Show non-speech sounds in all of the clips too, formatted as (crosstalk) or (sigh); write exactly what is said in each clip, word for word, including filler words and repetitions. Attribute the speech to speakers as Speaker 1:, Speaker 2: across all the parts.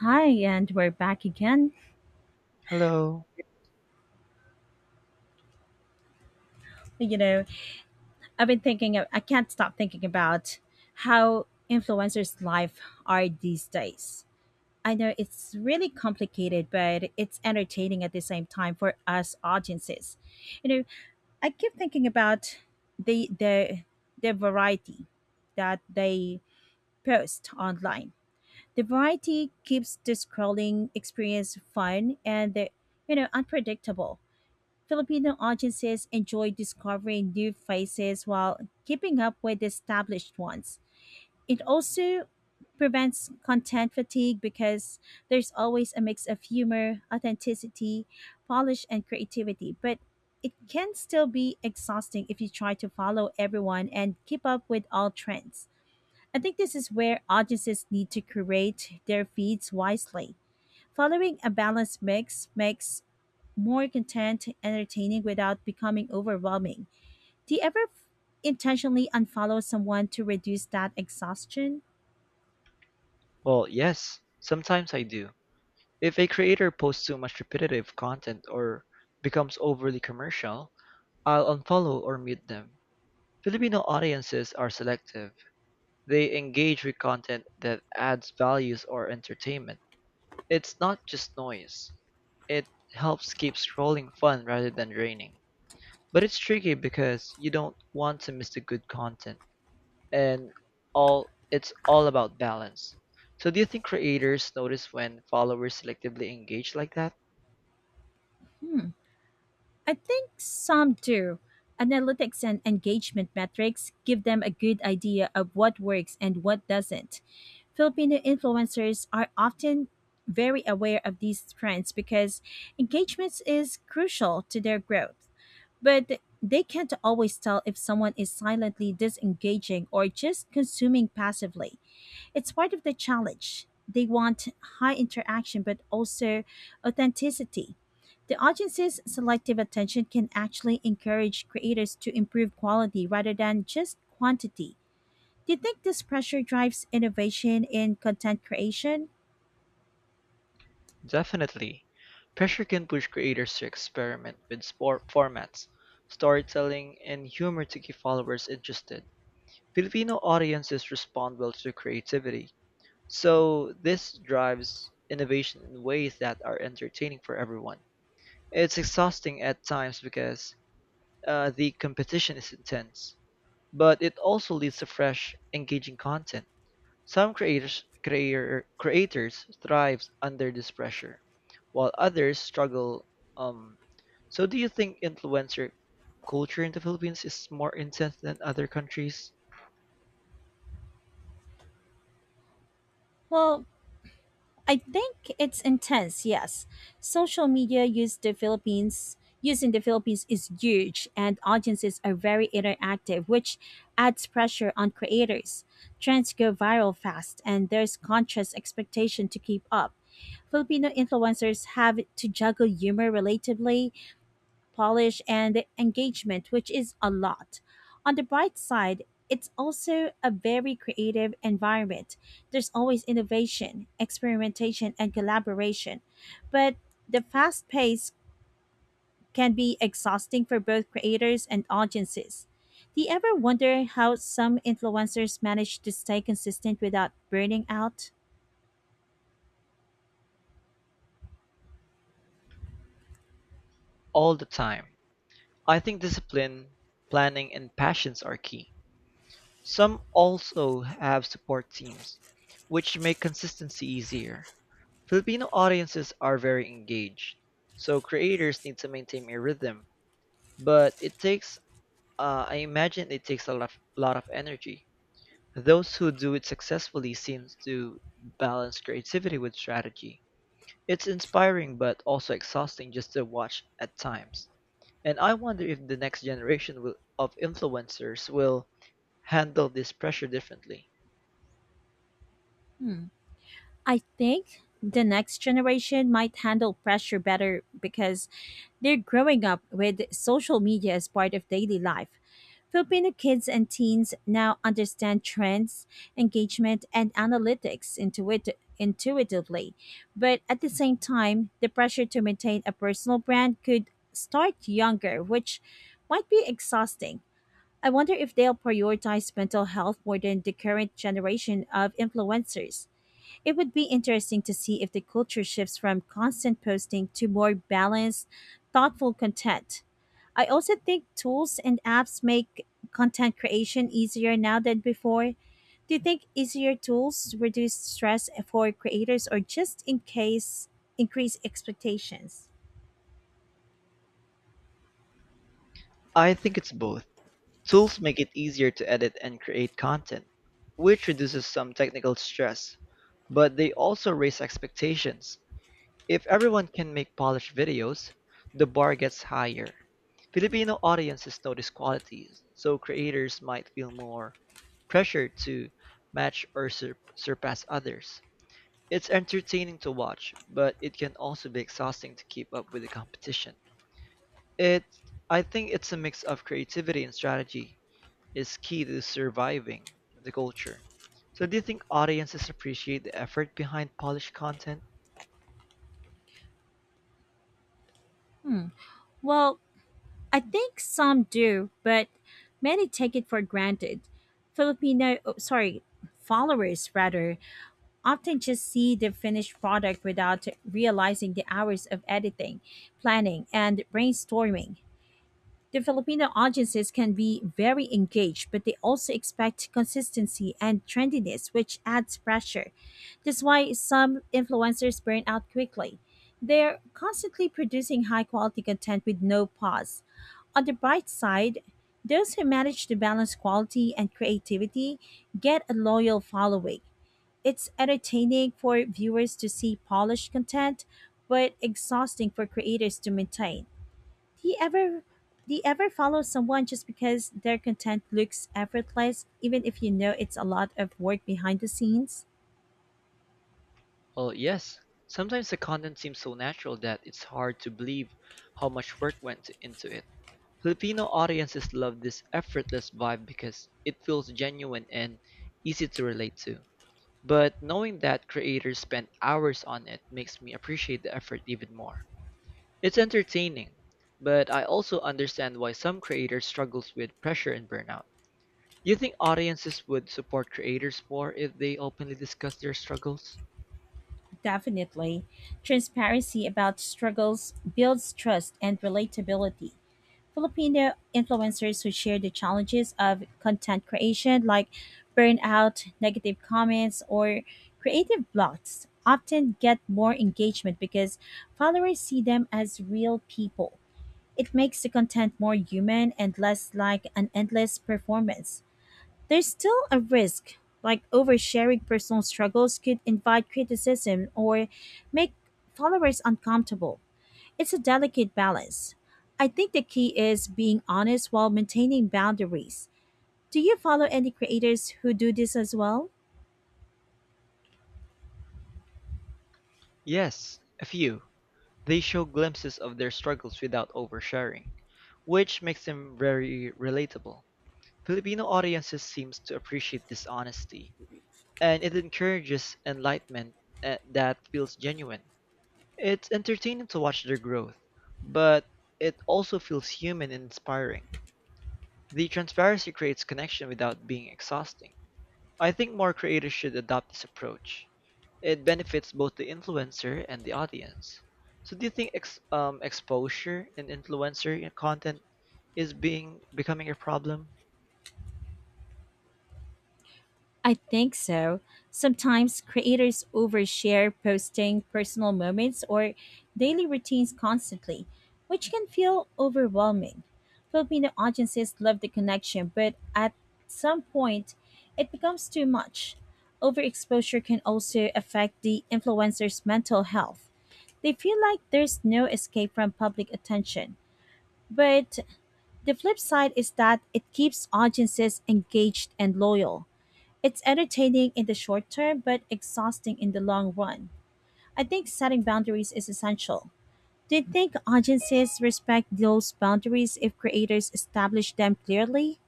Speaker 1: Hi, and we're back again.
Speaker 2: Hello.
Speaker 1: You know, I've been thinking, I can't stop thinking about how influencers' life are these days. I know it's really complicated, but it's entertaining at the same time for us audiences. You know, I keep thinking about the the the variety that they post online. The variety keeps the scrolling experience fun and the, you know unpredictable Filipino audiences enjoy discovering new faces while keeping up with established ones. It also prevents content fatigue because there's always a mix of humor, authenticity, polish, and creativity. But it can still be exhausting if you try to follow everyone and keep up with all trends. I think this is where audiences need to curate their feeds wisely. Following a balanced mix makes more content, entertaining without becoming overwhelming. Do you ever f- intentionally unfollow someone to reduce that exhaustion?
Speaker 2: Well, yes, sometimes I do. If a creator posts too much repetitive content or becomes overly commercial, I'll unfollow or mute them. Filipino audiences are selective. They engage with content that adds values or entertainment. It's not just noise. It helps keep scrolling fun rather than draining. But it's tricky because you don't want to miss the good content. And all it's all about balance. So do you think creators notice when followers selectively engage like that?
Speaker 1: I think some do. Analytics and engagement metrics give them a good idea of what works and what doesn't. Filipino influencers are often very aware of these trends because engagement is crucial to their growth. But they can't always tell if someone is silently disengaging or just consuming passively. It's part of the challenge. They want high interaction but also authenticity. The audience's selective attention can actually encourage creators to improve quality rather than just quantity. Do you think this pressure drives innovation in content creation?
Speaker 2: Definitely. Pressure can push creators to experiment with sport formats, storytelling, and humor to keep followers interested. Filipino audiences respond well to creativity, so this drives innovation in ways that are entertaining for everyone. It's exhausting at times because Uh, the competition is intense, but it also leads to fresh, engaging content. Some creators creator, creators thrive under this pressure, while others struggle. Um, so, do you think influencer culture in the Philippines is more intense than other countries
Speaker 1: Well, I think it's intense. Yes, social media use the Philippines using the Philippines is huge, and audiences are very interactive, which adds pressure on creators. Trends go viral fast, and there's conscious expectation to keep up. Filipino influencers have to juggle humor relatively, polish, and engagement, which is a lot. On the bright side, it's also a very creative environment. There's always innovation, experimentation, and collaboration. But the fast pace can be exhausting for both creators and audiences. Do you ever wonder how some influencers manage to stay consistent without burning out?
Speaker 2: all the time. I think discipline, planning, and passions are key. Some also have support teams, which make consistency easier. Filipino audiences are very engaged, so creators need to maintain a rhythm. But it takes, uh, I imagine it takes a lot, lot of energy. Those who do it successfully seems to balance creativity with strategy. It's inspiring but also exhausting just to watch at times. And I wonder if the next generation will, of influencers will handle this pressure differently.
Speaker 1: I think the next generation might handle pressure better because they're growing up with social media as part of daily life. Filipino kids and teens now understand trends, engagement, and analytics intuit- intuitively. But at the same time, the pressure to maintain a personal brand could start younger, which might be exhausting. I wonder if they'll prioritize mental health more than the current generation of influencers. It would be interesting to see if the culture shifts from constant posting to more balanced, thoughtful content. I also think tools and apps make content creation easier now than before. Do you think easier tools reduce stress for creators or just in case increase expectations?
Speaker 2: I think it's both. Tools make it easier to edit and create content, which reduces some technical stress, but they also raise expectations. If everyone can make polished videos, the bar gets higher. Filipino audiences notice qualities, so creators might feel more pressure to match or sur- surpass others. It's entertaining to watch, but it can also be exhausting to keep up with the competition. It, I think it's a mix of creativity and strategy is key to surviving the culture. So do you think audiences appreciate the effort behind polished content?
Speaker 1: Well, I think some do, but many take it for granted. Filipino, oh, sorry, followers rather often just see the finished product without realizing the hours of editing, planning, and brainstorming. The Filipino audiences can be very engaged, but they also expect consistency and trendiness, which adds pressure. That's why some influencers burn out quickly. They're constantly producing high quality content with no pause. On the bright side, those who manage to balance quality and creativity get a loyal following. It's entertaining for viewers to see polished content, but exhausting for creators to maintain. Do you ever do you ever follow someone just because their content looks effortless, even if you know it's a lot of work behind the scenes?
Speaker 2: Well, yes, sometimes the content seems so natural that it's hard to believe how much work went into it. Filipino audiences love this effortless vibe because it feels genuine and easy to relate to. But knowing that creators spend hours on it makes me appreciate the effort even more. It's entertaining, but I also understand why some creators struggles with pressure and burnout. Do you think audiences would support creators more if they openly discuss their struggles?
Speaker 1: Definitely. Transparency about struggles builds trust and relatability. Filipino influencers who share the challenges of content creation, like burnout, negative comments, or creative blocks, often get more engagement because followers see them as real people. It makes the content more human and less like an endless performance. There's still a risk, like oversharing personal struggles could invite criticism or make followers uncomfortable it's a delicate balance. I think the key is being honest while maintaining boundaries. Do you follow any creators who do this as well?
Speaker 2: Yes, a few. They show glimpses of their struggles without oversharing, which makes them very relatable. Filipino audiences seems to appreciate this honesty, and it encourages enlightenment eh, that feels genuine. It's entertaining to watch their growth, but it also feels human and inspiring. The transparency creates connection without being exhausting. I think more creators should adopt this approach. It benefits both the influencer and the audience. So, do you think ex- um, exposure and influencer content is being becoming a problem?
Speaker 1: I think so. Sometimes creators overshare posting personal moments or daily routines constantly, which can feel overwhelming. Filipino audiences love the connection, but at some point, it becomes too much. Overexposure can also affect the influencer's mental health. They feel like there's no escape from public attention. But the flip side is that it keeps audiences engaged and loyal. It's entertaining in the short term, but exhausting in the long run. I think setting boundaries is essential. Do you think audiences respect those boundaries if creators establish them clearly?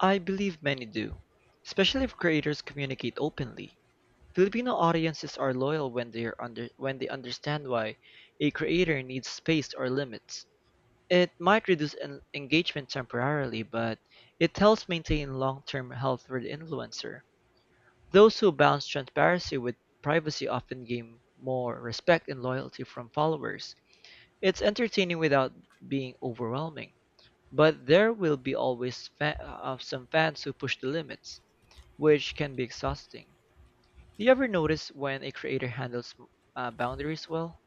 Speaker 2: I believe many do, especially if creators communicate openly. Filipino audiences are loyal when they are under when they understand why a creator needs space or limits. It might reduce en- engagement temporarily, but it helps maintain long-term health for the influencer. Those who balance transparency with privacy often gain more respect and loyalty from followers. It's entertaining without being overwhelming, but there will be always fa- uh, some fans who push the limits, which can be exhausting. Do you ever notice when a creator handles uh, boundaries well?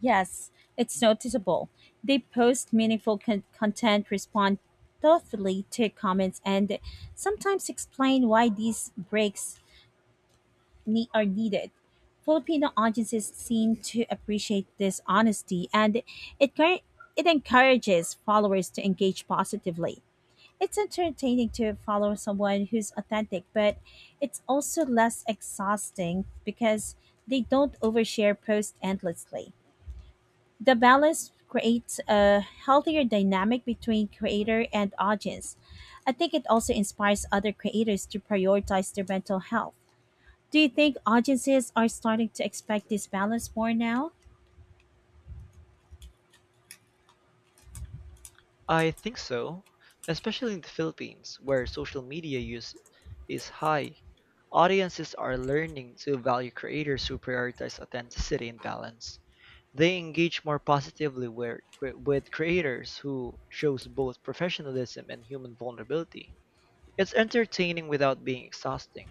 Speaker 1: Yes, it's noticeable. They post meaningful con- content, respond thoughtfully to comments, and sometimes explain why these breaks ne- are needed. Filipino audiences seem to appreciate this honesty, and it cur- it encourages followers to engage positively. It's entertaining to follow someone who's authentic, but it's also less exhausting because they don't overshare post endlessly. The balance creates a healthier dynamic between creator and audience. I think it also inspires other creators to prioritize their mental health. Do you think audiences are starting to expect this balance more now?
Speaker 2: I think so, especially in the Philippines, where social media use is high. Audiences are learning to value creators who prioritize authenticity and balance. They engage more positively with, with creators who shows both professionalism and human vulnerability. It's entertaining without being exhausting.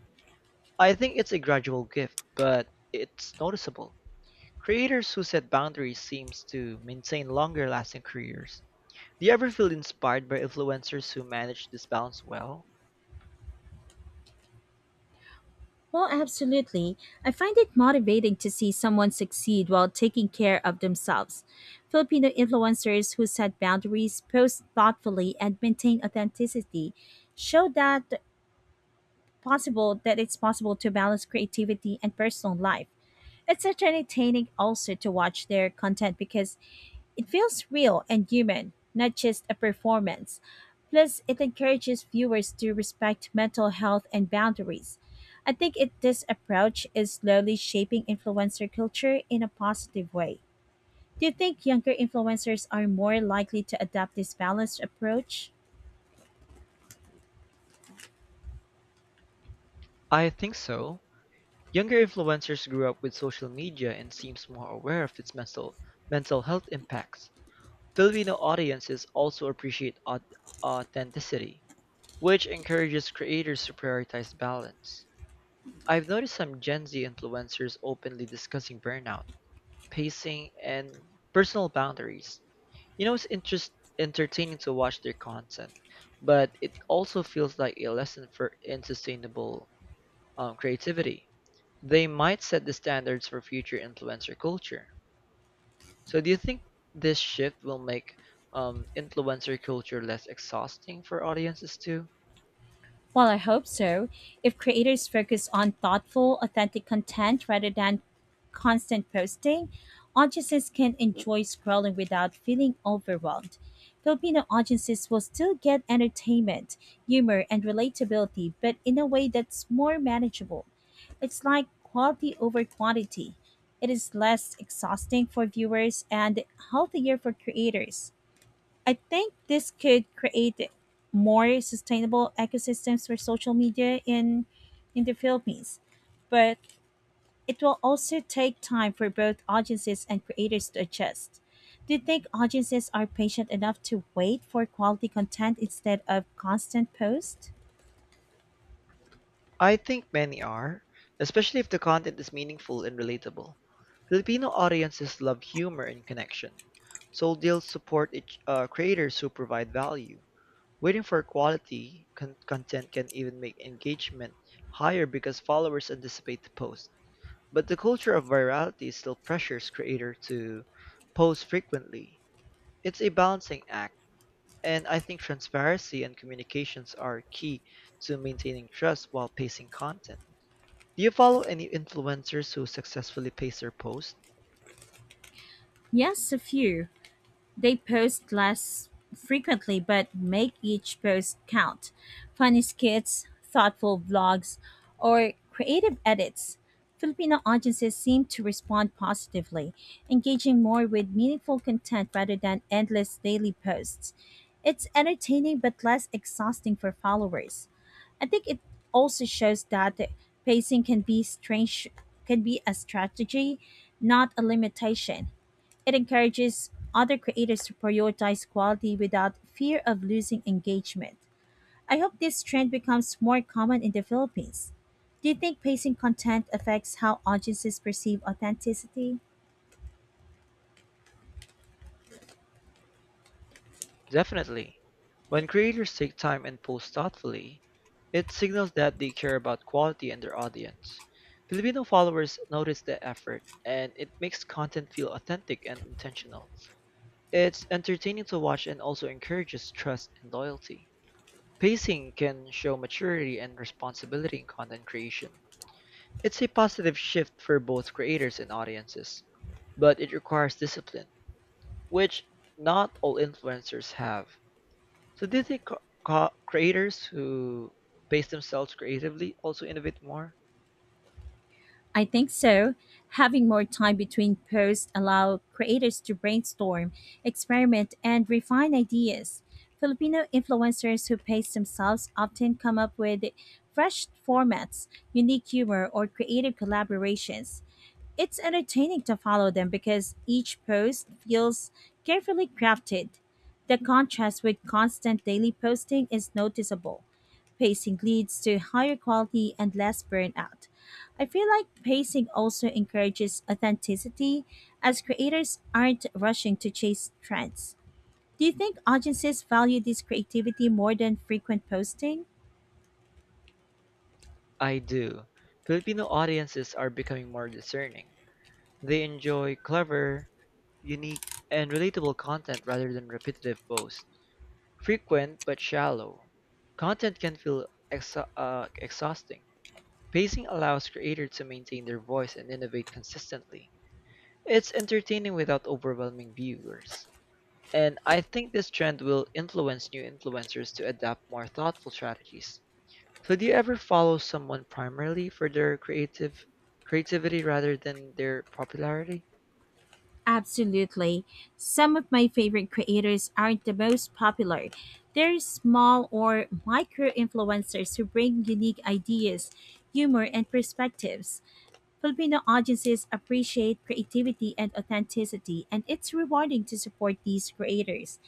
Speaker 2: I think it's a gradual gift, but it's noticeable. Creators who set boundaries seems to maintain longer lasting careers. Do you ever feel inspired by influencers who manage this balance well?
Speaker 1: Well, absolutely. I find it motivating to see someone succeed while taking care of themselves. Filipino influencers who set boundaries, post thoughtfully, and maintain authenticity show that possible that it's possible to balance creativity and personal life. It's such entertaining also to watch their content because it feels real and human, not just a performance. Plus, it encourages viewers to respect mental health and boundaries. I think it, this approach is slowly shaping influencer culture in a positive way. Do you think younger influencers are more likely to adopt this balanced approach?
Speaker 2: I think so. Younger influencers grew up with social media and seems more aware of its mental mental health impacts. Filipino audiences also appreciate aut- authenticity, which encourages creators to prioritize balance. I've noticed some Gen Z influencers openly discussing burnout pacing, and personal boundaries. You know, it's interest entertaining to watch their content, but it also feels like a lesson for unsustainable um, creativity. They might set the standards for future influencer culture. So, do you think this shift will make um, influencer culture less exhausting for audiences too?
Speaker 1: Well, I hope so. If creators focus on thoughtful, authentic content rather than constant posting, audiences can enjoy scrolling without feeling overwhelmed. Filipino audiences will still get entertainment, humor, and relatability, but in a way that's more manageable. It's like quality over quantity. It is less exhausting for viewers and healthier for creators. I think this could create more sustainable ecosystems for social media in in the Philippines, but it will also take time for both audiences and creators to adjust. Do you think audiences are patient enough to wait for quality content instead of constant posts?
Speaker 2: I think many are, especially if the content is meaningful and relatable. Filipino audiences love humor and connection, so they'll support each, uh, creators who provide value. Waiting for quality con- content can even make engagement higher because followers anticipate the post. But the culture of virality still pressures creators to post frequently. It's a balancing act, and I think transparency and communications are key to maintaining trust while pacing content. Do you follow any influencers who successfully pace their post?
Speaker 1: Yes, a few. They post less frequently but make each post count. Funny skits, thoughtful vlogs, or creative edits. Filipino audiences seem to respond positively, engaging more with meaningful content rather than endless daily posts. It's entertaining but less exhausting for followers. I think it also shows that the pacing can be strange can be a strategy, not a limitation. It encourages other creators to prioritize quality without fear of losing engagement. I hope this trend becomes more common in the Philippines. Do you think pacing content affects how audiences perceive authenticity?
Speaker 2: Definitely. When creators take time and post thoughtfully, it signals that they care about quality and their audience. Filipino followers notice the effort, and it makes content feel authentic and intentional. It's entertaining to watch and also encourages trust and loyalty. Pacing can show maturity and responsibility in content creation. It's a positive shift for both creators and audiences, but it requires discipline, which not all influencers have. So do you think co- co- creators who base themselves creatively also innovate more?
Speaker 1: I think so. Having more time between posts allow creators to brainstorm, experiment, and refine ideas. Filipino influencers who pace themselves often come up with fresh formats, unique humor, or creative collaborations. It's entertaining to follow them because each post feels carefully crafted. The contrast with constant daily posting is noticeable. Pacing leads to higher quality and less burnout. I feel like pacing also encourages authenticity as creators aren't rushing to chase trends. Do you think audiences value this creativity more than frequent posting?
Speaker 2: I do. Filipino audiences are becoming more discerning. They enjoy clever, unique, and relatable content rather than repetitive posts. Frequent but shallow. Content can feel exa- uh, exhausting. Pacing allows creators to maintain their voice and innovate consistently. It's entertaining without overwhelming viewers. And I think this trend will influence new influencers to adapt more thoughtful strategies. So do you ever follow someone primarily for their creative creativity rather than their popularity?
Speaker 1: Absolutely. Some of my favorite creators aren't the most popular. They're small or micro influencers who bring unique ideas, humor, and perspectives. Filipino audiences appreciate creativity and authenticity, and it's rewarding to support these creators.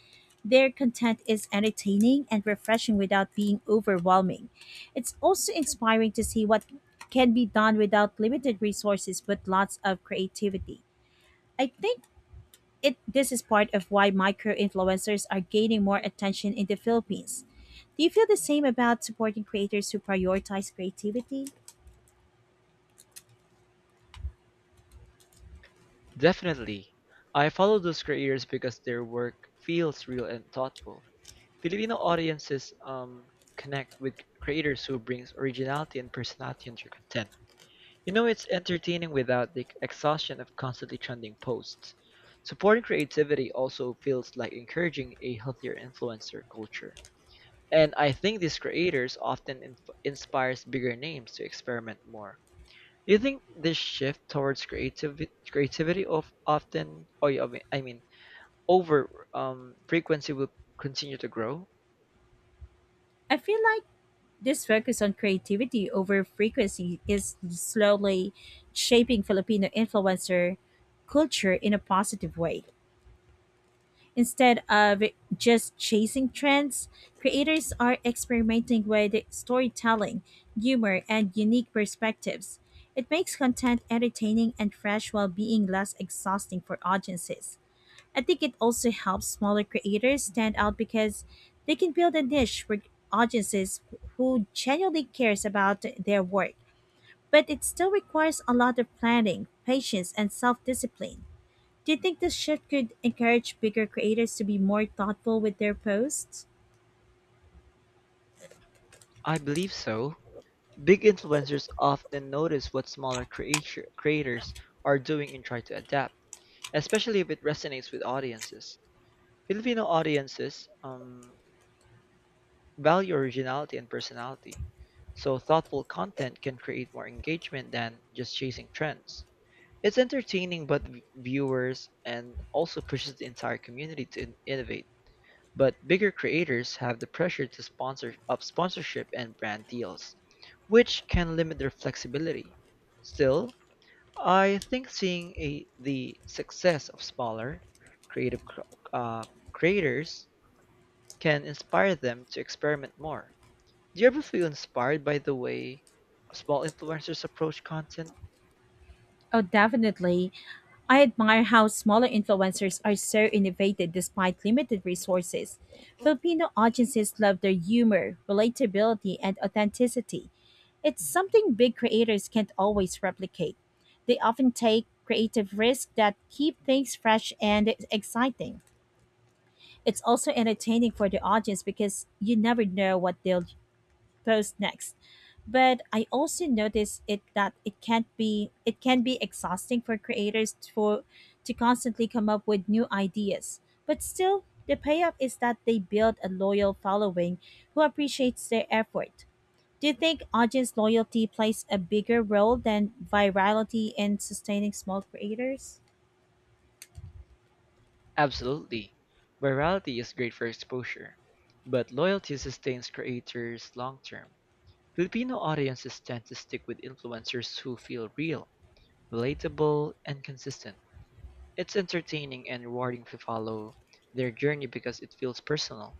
Speaker 1: Their content is entertaining and refreshing without being overwhelming. It's also inspiring to see what can be done without limited resources but lots of creativity. I think it This is part of why micro influencers are gaining more attention in the Philippines. Do you feel the same about supporting creators who prioritize creativity?
Speaker 2: Definitely. I follow those creators because their work feels real and thoughtful. Filipino audiences um, connect with creators who brings originality and personality into their content. You know, it's entertaining without the exhaustion of constantly trending posts. Supporting creativity also feels like encouraging a healthier influencer culture. And I think these creators often inf- inspires bigger names to experiment more. Do you think this shift towards creativity, creativity of often, or yeah, I mean, I mean, over um, frequency will continue to grow?
Speaker 1: I feel like this focus on creativity over frequency is slowly shaping Filipino influencer culture in a positive way. Instead of just chasing trends, creators are experimenting with storytelling, humor, and unique perspectives. It makes content entertaining and fresh while being less exhausting for audiences. I think it also helps smaller creators stand out because they can build a niche for audiences who genuinely cares about their work. But it still requires a lot of planning, patience, and self-discipline. Do you think this shift could encourage bigger creators to be more thoughtful with their posts?
Speaker 2: I believe so. Big influencers often notice what smaller creator- creators are doing and try to adapt, especially if it resonates with audiences. Filipino audiences um, value originality and personality, so thoughtful content can create more engagement than just chasing trends. It's entertaining, but v- viewers and also pushes the entire community to in- innovate. But bigger creators have the pressure to sponsor of sponsorship and brand deals, which can limit their flexibility. Still, I think seeing a, the success of smaller creative cr- uh, creators can inspire them to experiment more. Do you ever feel inspired by the way small influencers approach content?
Speaker 1: Oh, definitely. I admire how smaller influencers are so innovative despite limited resources. Filipino audiences love their humor, relatability, and authenticity. It's something big creators can't always replicate. They often take creative risks that keep things fresh and exciting. It's also entertaining for the audience because you never know what they'll post next. But I also notice it that it can't be it can be exhausting for creators t- for to constantly come up with new ideas. But still, the payoff is that they build a loyal following who appreciates their effort. Do you think audience loyalty plays a bigger role than virality in sustaining small creators?
Speaker 2: Absolutely. Virality is great for exposure, but loyalty sustains creators long term. Filipino audiences tend to stick with influencers who feel real, relatable, and consistent. It's entertaining and rewarding to follow their journey because it feels personal.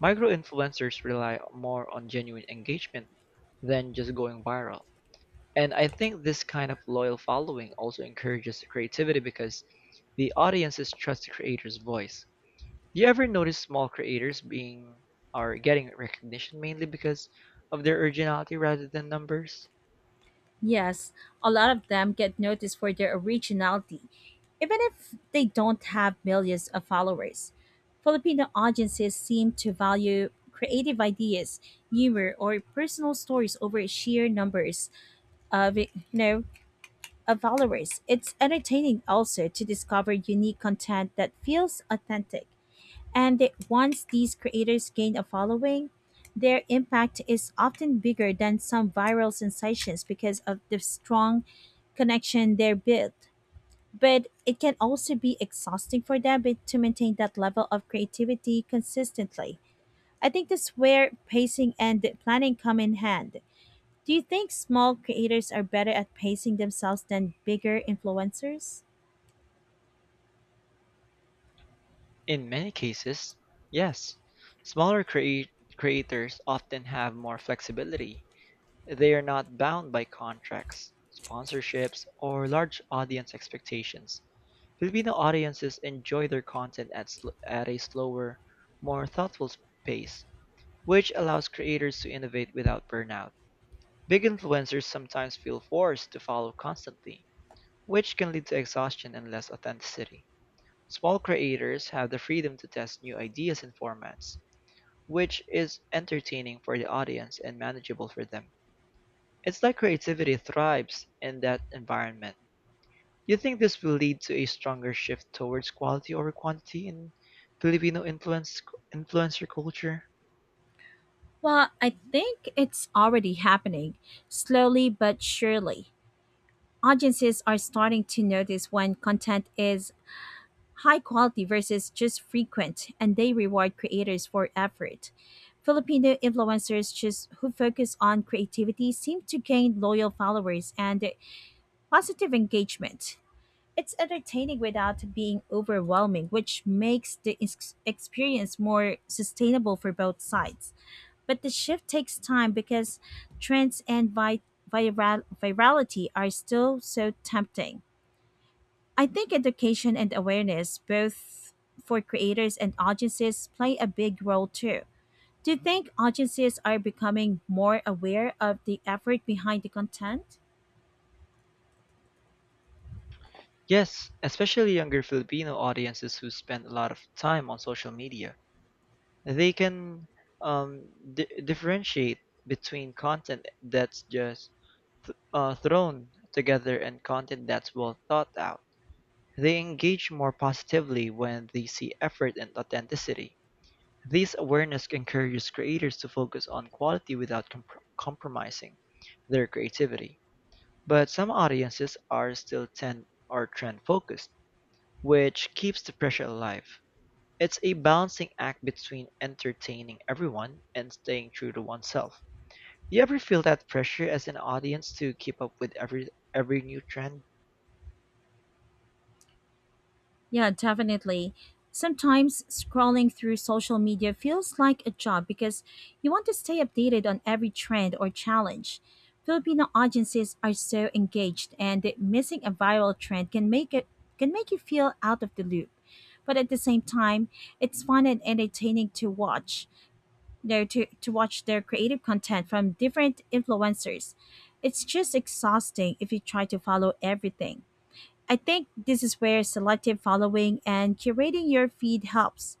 Speaker 2: Micro-influencers rely more on genuine engagement than just going viral. And I think this kind of loyal following also encourages creativity because the audiences trust the creator's voice. Do you ever notice small creators being are getting recognition mainly because of their originality rather than numbers?
Speaker 1: Yes, a lot of them get noticed for their originality, even if they don't have millions of followers. Filipino audiences seem to value creative ideas, humor, or personal stories over sheer numbers of you know of followers. It's entertaining also to discover unique content that feels authentic. And they- once these creators gain a following, their impact is often bigger than some viral sensations because of the strong connection they're built. But it can also be exhausting for them but to maintain that level of creativity consistently. I think that's where pacing and planning come in hand. Do you think small creators are better at pacing themselves than bigger influencers?
Speaker 2: In many cases, yes. Smaller crea- creators often have more flexibility. They are not bound by contracts, sponsorships, or large audience expectations. Filipino audiences enjoy their content at, sl- at a slower, more thoughtful pace, which allows creators to innovate without burnout. Big influencers sometimes feel forced to follow constantly, which can lead to exhaustion and less authenticity. Small creators have the freedom to test new ideas and formats, which is entertaining for the audience and manageable for them. It's like creativity thrives in that environment. Do you think this will lead to a stronger shift towards quality over quantity in Filipino influence influencer culture?
Speaker 1: Well, I think it's already happening, slowly but surely. Audiences are starting to notice when content is high quality versus just frequent, and they reward creators for effort. Filipino influencers just who focus on creativity seem to gain loyal followers and positive engagement. It's entertaining without being overwhelming, which makes the ex- experience more sustainable for both sides. But the shift takes time because trends and vi- viral- virality are still so tempting. I think education and awareness, both for creators and audiences, play a big role too. Do you think audiences are becoming more aware of the effort behind the content?
Speaker 2: Yes, especially younger Filipino audiences who spend a lot of time on social media. They can um, di- differentiate between content that's just uh, thrown together and content that's well thought out. They engage more positively when they see effort and authenticity. This awareness encourages creators to focus on quality without compr compromising their creativity. But some audiences are still trend or trend focused, which keeps the pressure alive. It's a balancing act between entertaining everyone and staying true to oneself. Do you ever feel that pressure as an audience to keep up with every every new trend?
Speaker 1: Yeah, definitely. Sometimes scrolling through social media feels like a job because you want to stay updated on every trend or challenge. Filipino audiences are so engaged and that missing a viral trend can make it can make you feel out of the loop. But at the same time, it's fun and entertaining to watch. There to, to watch their creative content from different influencers. It's just exhausting if you try to follow everything. I think this is where selective following and curating your feed helps.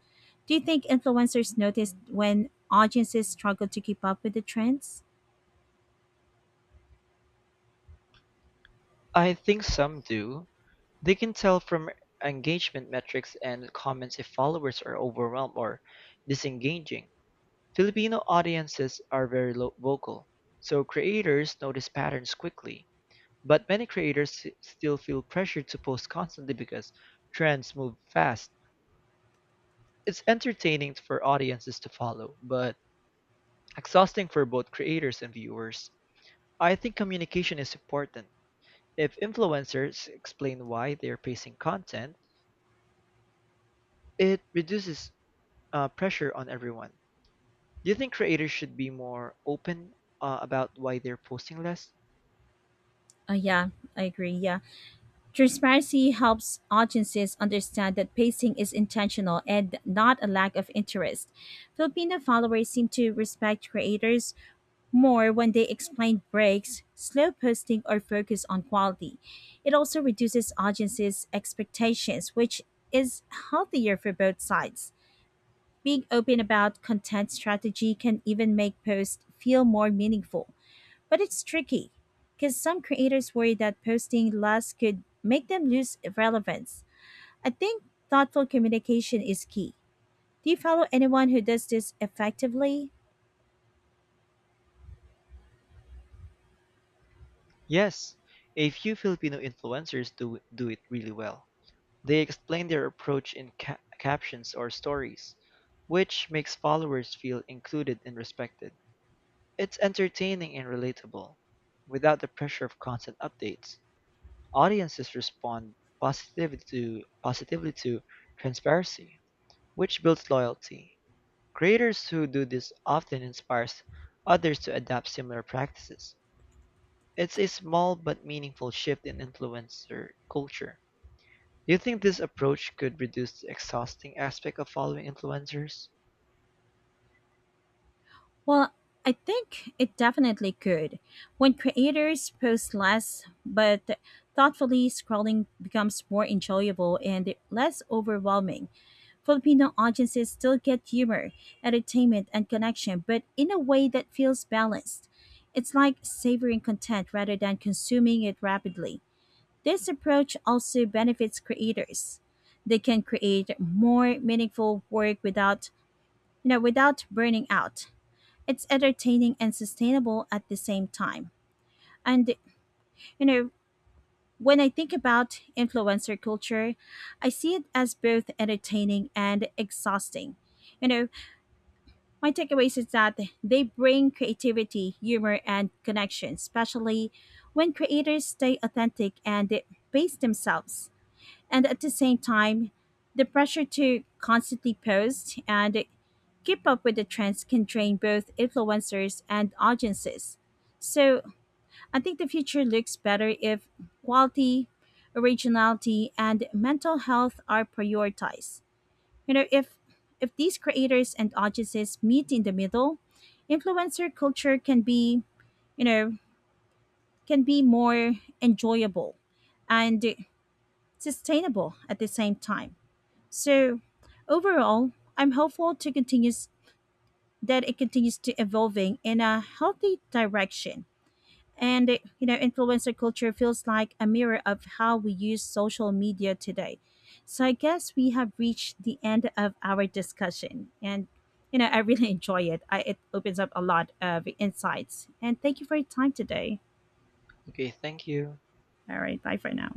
Speaker 1: Do you think influencers notice when audiences struggle to keep up with the trends?
Speaker 2: I think some do. They can tell from engagement metrics and comments if followers are overwhelmed or disengaging. Filipino audiences are very lo- vocal, so creators notice patterns quickly. But many creators s- still feel pressured to post constantly because trends move fast. It's entertaining for audiences to follow, but exhausting for both creators and viewers. I think communication is important. If influencers explain why they're pacing content, it reduces uh, pressure on everyone. Do you think creators should be more open uh, about why they're posting less?
Speaker 1: Uh, yeah, I agree. Yeah. Transparency helps audiences understand that pacing is intentional and not a lack of interest. Filipino followers seem to respect creators more when they explain breaks, slow posting, or focus on quality. It also reduces audiences' expectations, which is healthier for both sides. Being open about content strategy can even make posts feel more meaningful. But it's tricky because some creators worry that posting less could make them lose relevance. I think thoughtful communication is key. Do you follow anyone who does this effectively?
Speaker 2: Yes, a few Filipino influencers do do it really well. They explain their approach in ca- captions or stories, which makes followers feel included and respected. It's entertaining and relatable, without the pressure of constant updates. Audiences respond positively to positively to transparency, which builds loyalty. Creators who do this often inspires others to adopt similar practices. It's a small but meaningful shift in influencer culture. Do you think this approach could reduce the exhausting aspect of following influencers?
Speaker 1: Well, I think it definitely could. When creators post less but thoughtfully, scrolling becomes more enjoyable and less overwhelming. Filipino audiences still get humor, entertainment, and connection, but in a way that feels balanced. It's like savoring content rather than consuming it rapidly. This approach also benefits creators. They can create more meaningful work without, you know, without burning out. It's entertaining and sustainable at the same time. And you know, when I think about influencer culture, I see it as both entertaining and exhausting. You know, My takeaways is that they bring creativity, humor, and connection, especially when creators stay authentic and they base themselves. And at the same time, the pressure to constantly post and keep up with the trends can drain both influencers and audiences. So I think the future looks better if quality, originality, and mental health are prioritized. You know, if if these creators and audiences meet in the middle, influencer culture can be, you know, can be more enjoyable and sustainable at the same time. So, overall, I'm hopeful to continues that it continues to evolving in a healthy direction. And uh, you know, influencer culture feels like a mirror of how we use social media today. So I guess we have reached the end of our discussion. And you know, I really (laughs) enjoy it. I, it opens up a lot of insights. And thank you for your time today.
Speaker 2: Okay, thank you.
Speaker 1: All right, bye for now.